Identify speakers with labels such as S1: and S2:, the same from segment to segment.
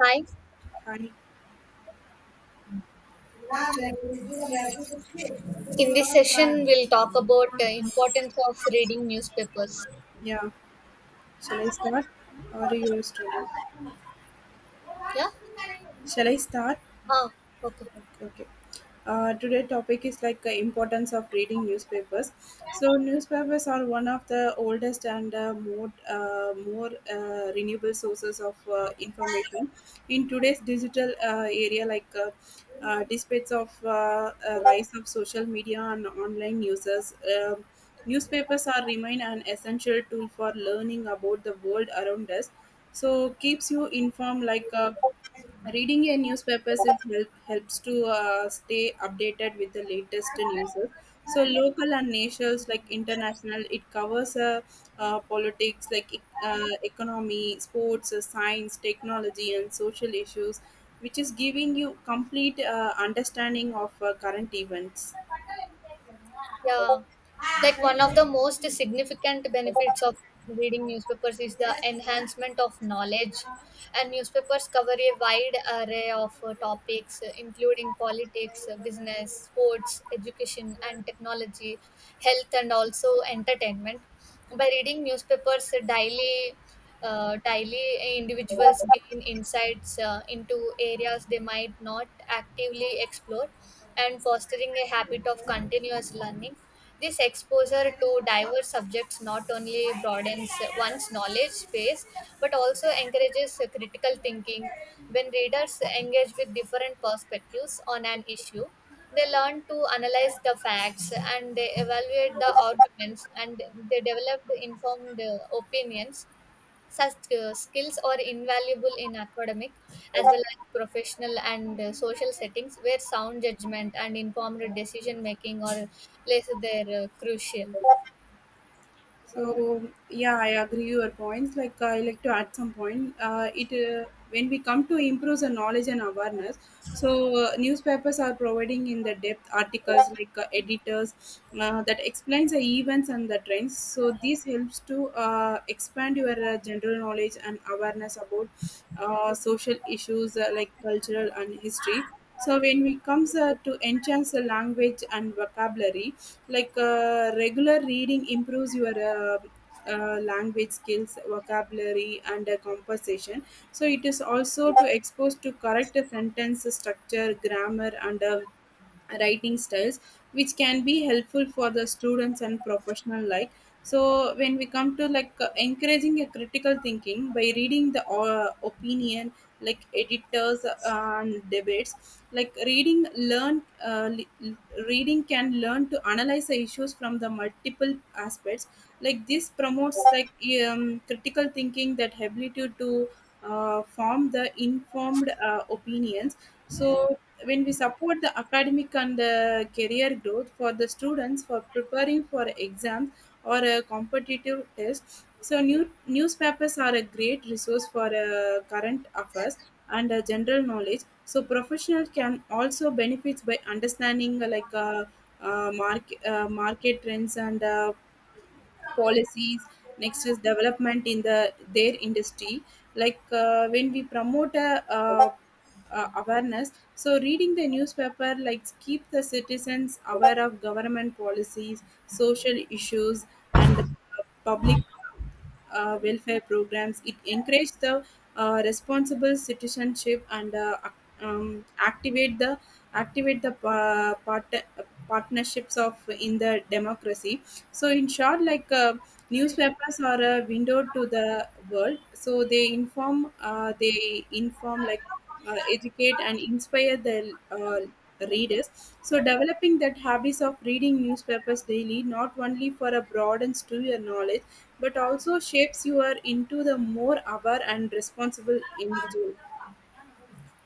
S1: Hi.
S2: Hi.
S1: In this session, we'll talk about the importance of reading newspapers.
S2: Yeah. Shall I start or you are starting?
S1: Yeah.
S2: Shall I start?
S1: Ah. Okay.
S2: Okay. Today topic is like importance of reading newspapers. So newspapers are one of the oldest and more more renewable sources of information in today's digital area. Despite of rise of social media and online users, newspapers are remain an essential tool for learning about the world around us. So keeps you informed like. Reading a newspapers is helps to stay updated with the latest news. So local and nations like international, it covers politics like economy, sports, science, technology, and social issues, which is giving you complete understanding of current events.
S1: Yeah. Like one of the most significant benefits of reading newspapers is the enhancement of knowledge, and newspapers cover a wide array of topics, including politics, business, sports, education, and technology, health, and also entertainment. By reading newspapers daily, individuals gain insights into areas they might not actively explore and fostering a habit of continuous learning. This exposure to diverse subjects not only broadens one's knowledge space but also encourages critical thinking. When readers engage with different perspectives on an issue, they learn to analyze the facts, and they evaluate the arguments, and they developed informed opinions. Such skills are invaluable in academic as well as professional and social settings where sound judgment and informed decision making are places there crucial.
S2: So yeah, I agree your points. Like I like to add some point. It When we come to improve the knowledge and awareness. So newspapers are providing in the depth articles like editors that explains the events and the trends. So this helps to expand your general knowledge and awareness about social issues like cultural and history. So when it comes to enhance the language and vocabulary, regular reading improves your language skills vocabulary and composition, so it is also to expose to correct sentence structure grammar and writing styles which can be helpful for the students and professional like. So when we come to like encouraging a critical thinking by reading the opinion like editors and debates like reading can learn to analyze the issues from the multiple aspects. Like this promotes like critical thinking, that ability to form the informed opinions. So when we support the academic and career growth for the students for preparing for exams or a competitive test, so newspapers are a great resource for current affairs and general knowledge, so professional can also benefit by understanding market trends and policies. Next is development in the their industry. Like when we promote a uh, awareness, so reading the newspaper like keep the citizens aware of government policies, social issues and public welfare programs. It encourages the responsible citizenship and activate the activate the uh, part- partnerships of in the democracy. So in short, newspapers are a window to the world. So they inform, like educate and inspire the readers. So developing that habits of reading newspapers daily, not only for a broadens to your knowledge, but also shapes you are into the more aware and responsible individual.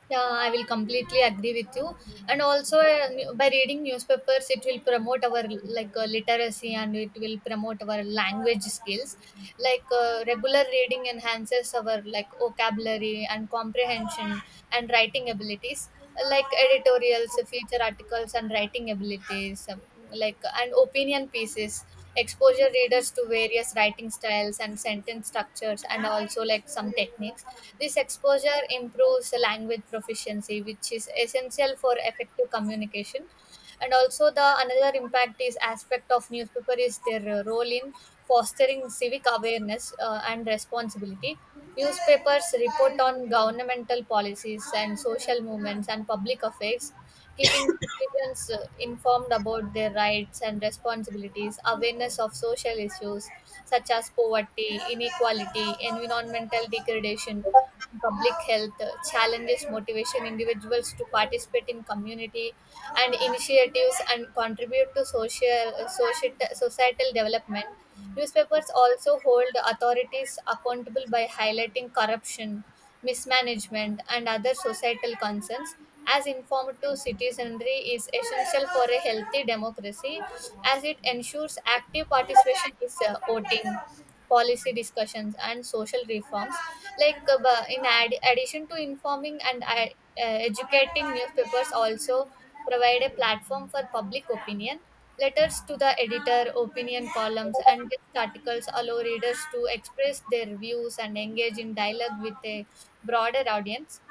S1: Yeah, I will completely agree with you. And also, by reading newspapers, it will promote our like literacy, and it will promote our language skills. Like regular reading enhances our like vocabulary and comprehension and writing abilities, like editorials, feature articles, and writing abilities like and opinion pieces. Exposure readers to various writing styles and sentence structures and also like some techniques. This exposure improves language proficiency, which is essential for effective communication. And also the another impact is aspect of newspaper is their role in fostering civic awareness and responsibility. Newspapers report on governmental policies and social movements and public affairs, keeping citizens informed about their rights and responsibilities. Awareness of social issues such as poverty, inequality, environmental degradation, public health challenges motivation individuals to participate in community and initiatives and contribute to societal development. Newspapers also hold authorities accountable by highlighting corruption, mismanagement, and other societal concerns. As informed to citizenry is essential for a healthy democracy, as it ensures active participation in voting, policy discussions, and social reforms. Like addition to informing and educating, newspapers also provide a platform for public opinion. Letters to the editor, opinion columns, and guest articles allow readers to express their views and engage in dialogue with a broader audience.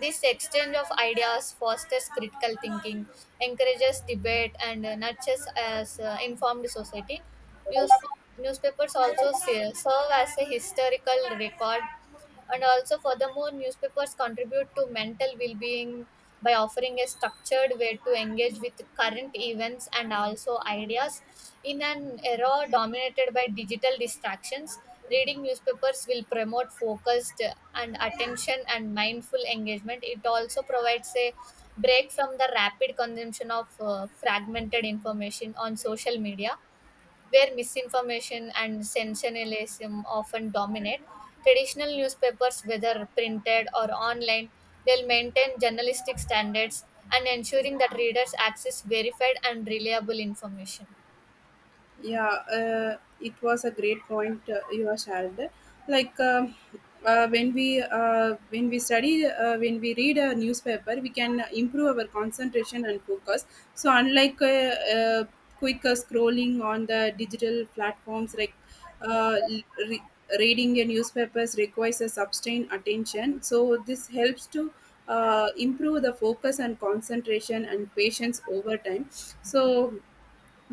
S1: This exchange of ideas fosters critical thinking, encourages debate, and nurtures as informed society. News- Newspapers also serve as a historical record. And also, furthermore, newspapers contribute to mental well-being by offering a structured way to engage with current events and also ideas. In an era dominated by digital distractions, reading newspapers will promote focused and attention and mindful engagement. It also provides a break from the rapid consumption of fragmented information on social media, where misinformation and sensationalism often dominate. Traditional newspapers, whether printed or online, they'll maintain journalistic standards and ensuring that readers access verified and reliable information.
S2: Yeah, it was a great point you have shared. Like when we study when we read a newspaper, we can improve our concentration and focus. So unlike quick scrolling on the digital platforms, uh, re- reading a newspapers requires a sustained attention. So this helps to improve the focus and concentration and patience over time. So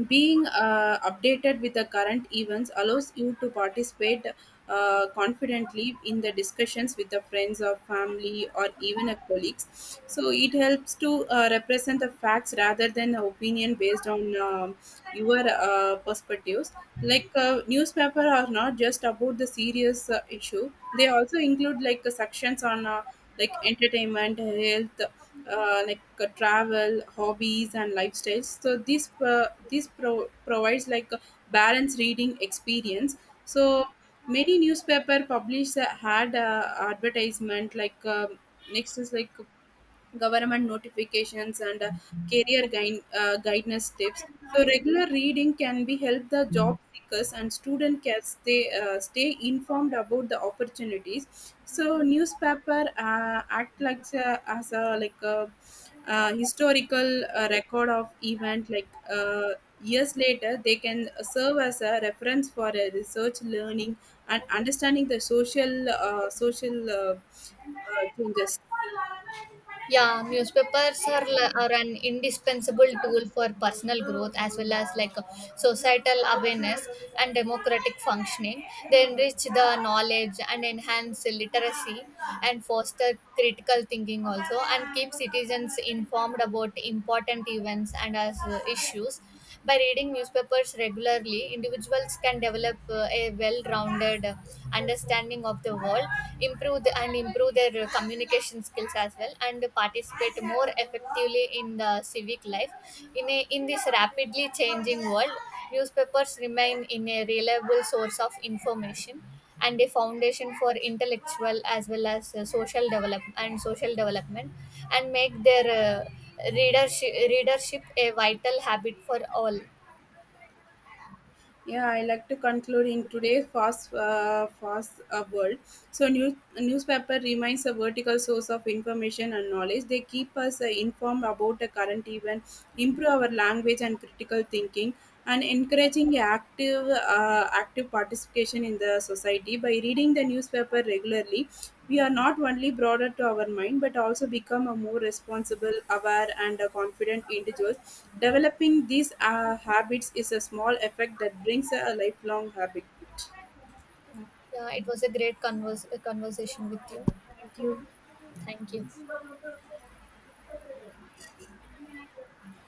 S2: being updated with the current events allows you to participate confidently in the discussions with the friends or family or even a colleagues. So it helps to represent the facts rather than opinion based on your perspectives. Like newspaper are not just about the serious issue; they also include like sections on like entertainment, health, travel, hobbies, and lifestyles. So provides like a balanced reading experience. So many newspaper publish had advertisement, next is like government notifications and career guidance tips. So regular reading can be help the job seekers and student can stay informed about the opportunities. So newspaper act like a, as a like a historical record of event. Like years later they can serve as a reference for a research learning and understanding the social changes.
S1: Yeah, newspapers are an indispensable tool for personal growth as well as like societal awareness and democratic functioning. They enrich the knowledge and enhance literacy and foster critical thinking also and keep citizens informed about important events and as issues. By reading newspapers regularly, individuals can develop a well-rounded understanding of the world, improve their communication skills as well, and participate more effectively in the civic life. In this rapidly changing world, newspapers remain in a reliable source of information and a foundation for intellectual as well as social develop and social development, and make their readership a vital habit for all.
S2: Yeah, I like to conclude in today's fast world. So newspaper remains a vertical source of information and knowledge. They keep us informed about the current event, improve our language and critical thinking, and encouraging active participation in the society. By reading the newspaper regularly, we are not only broader to our mind but also become a more responsible, aware and a confident individuals. Developing these habits is a small effect that brings a lifelong habit.
S1: Yeah, it was a great conversation with you.
S2: Thank you.
S1: Thank you.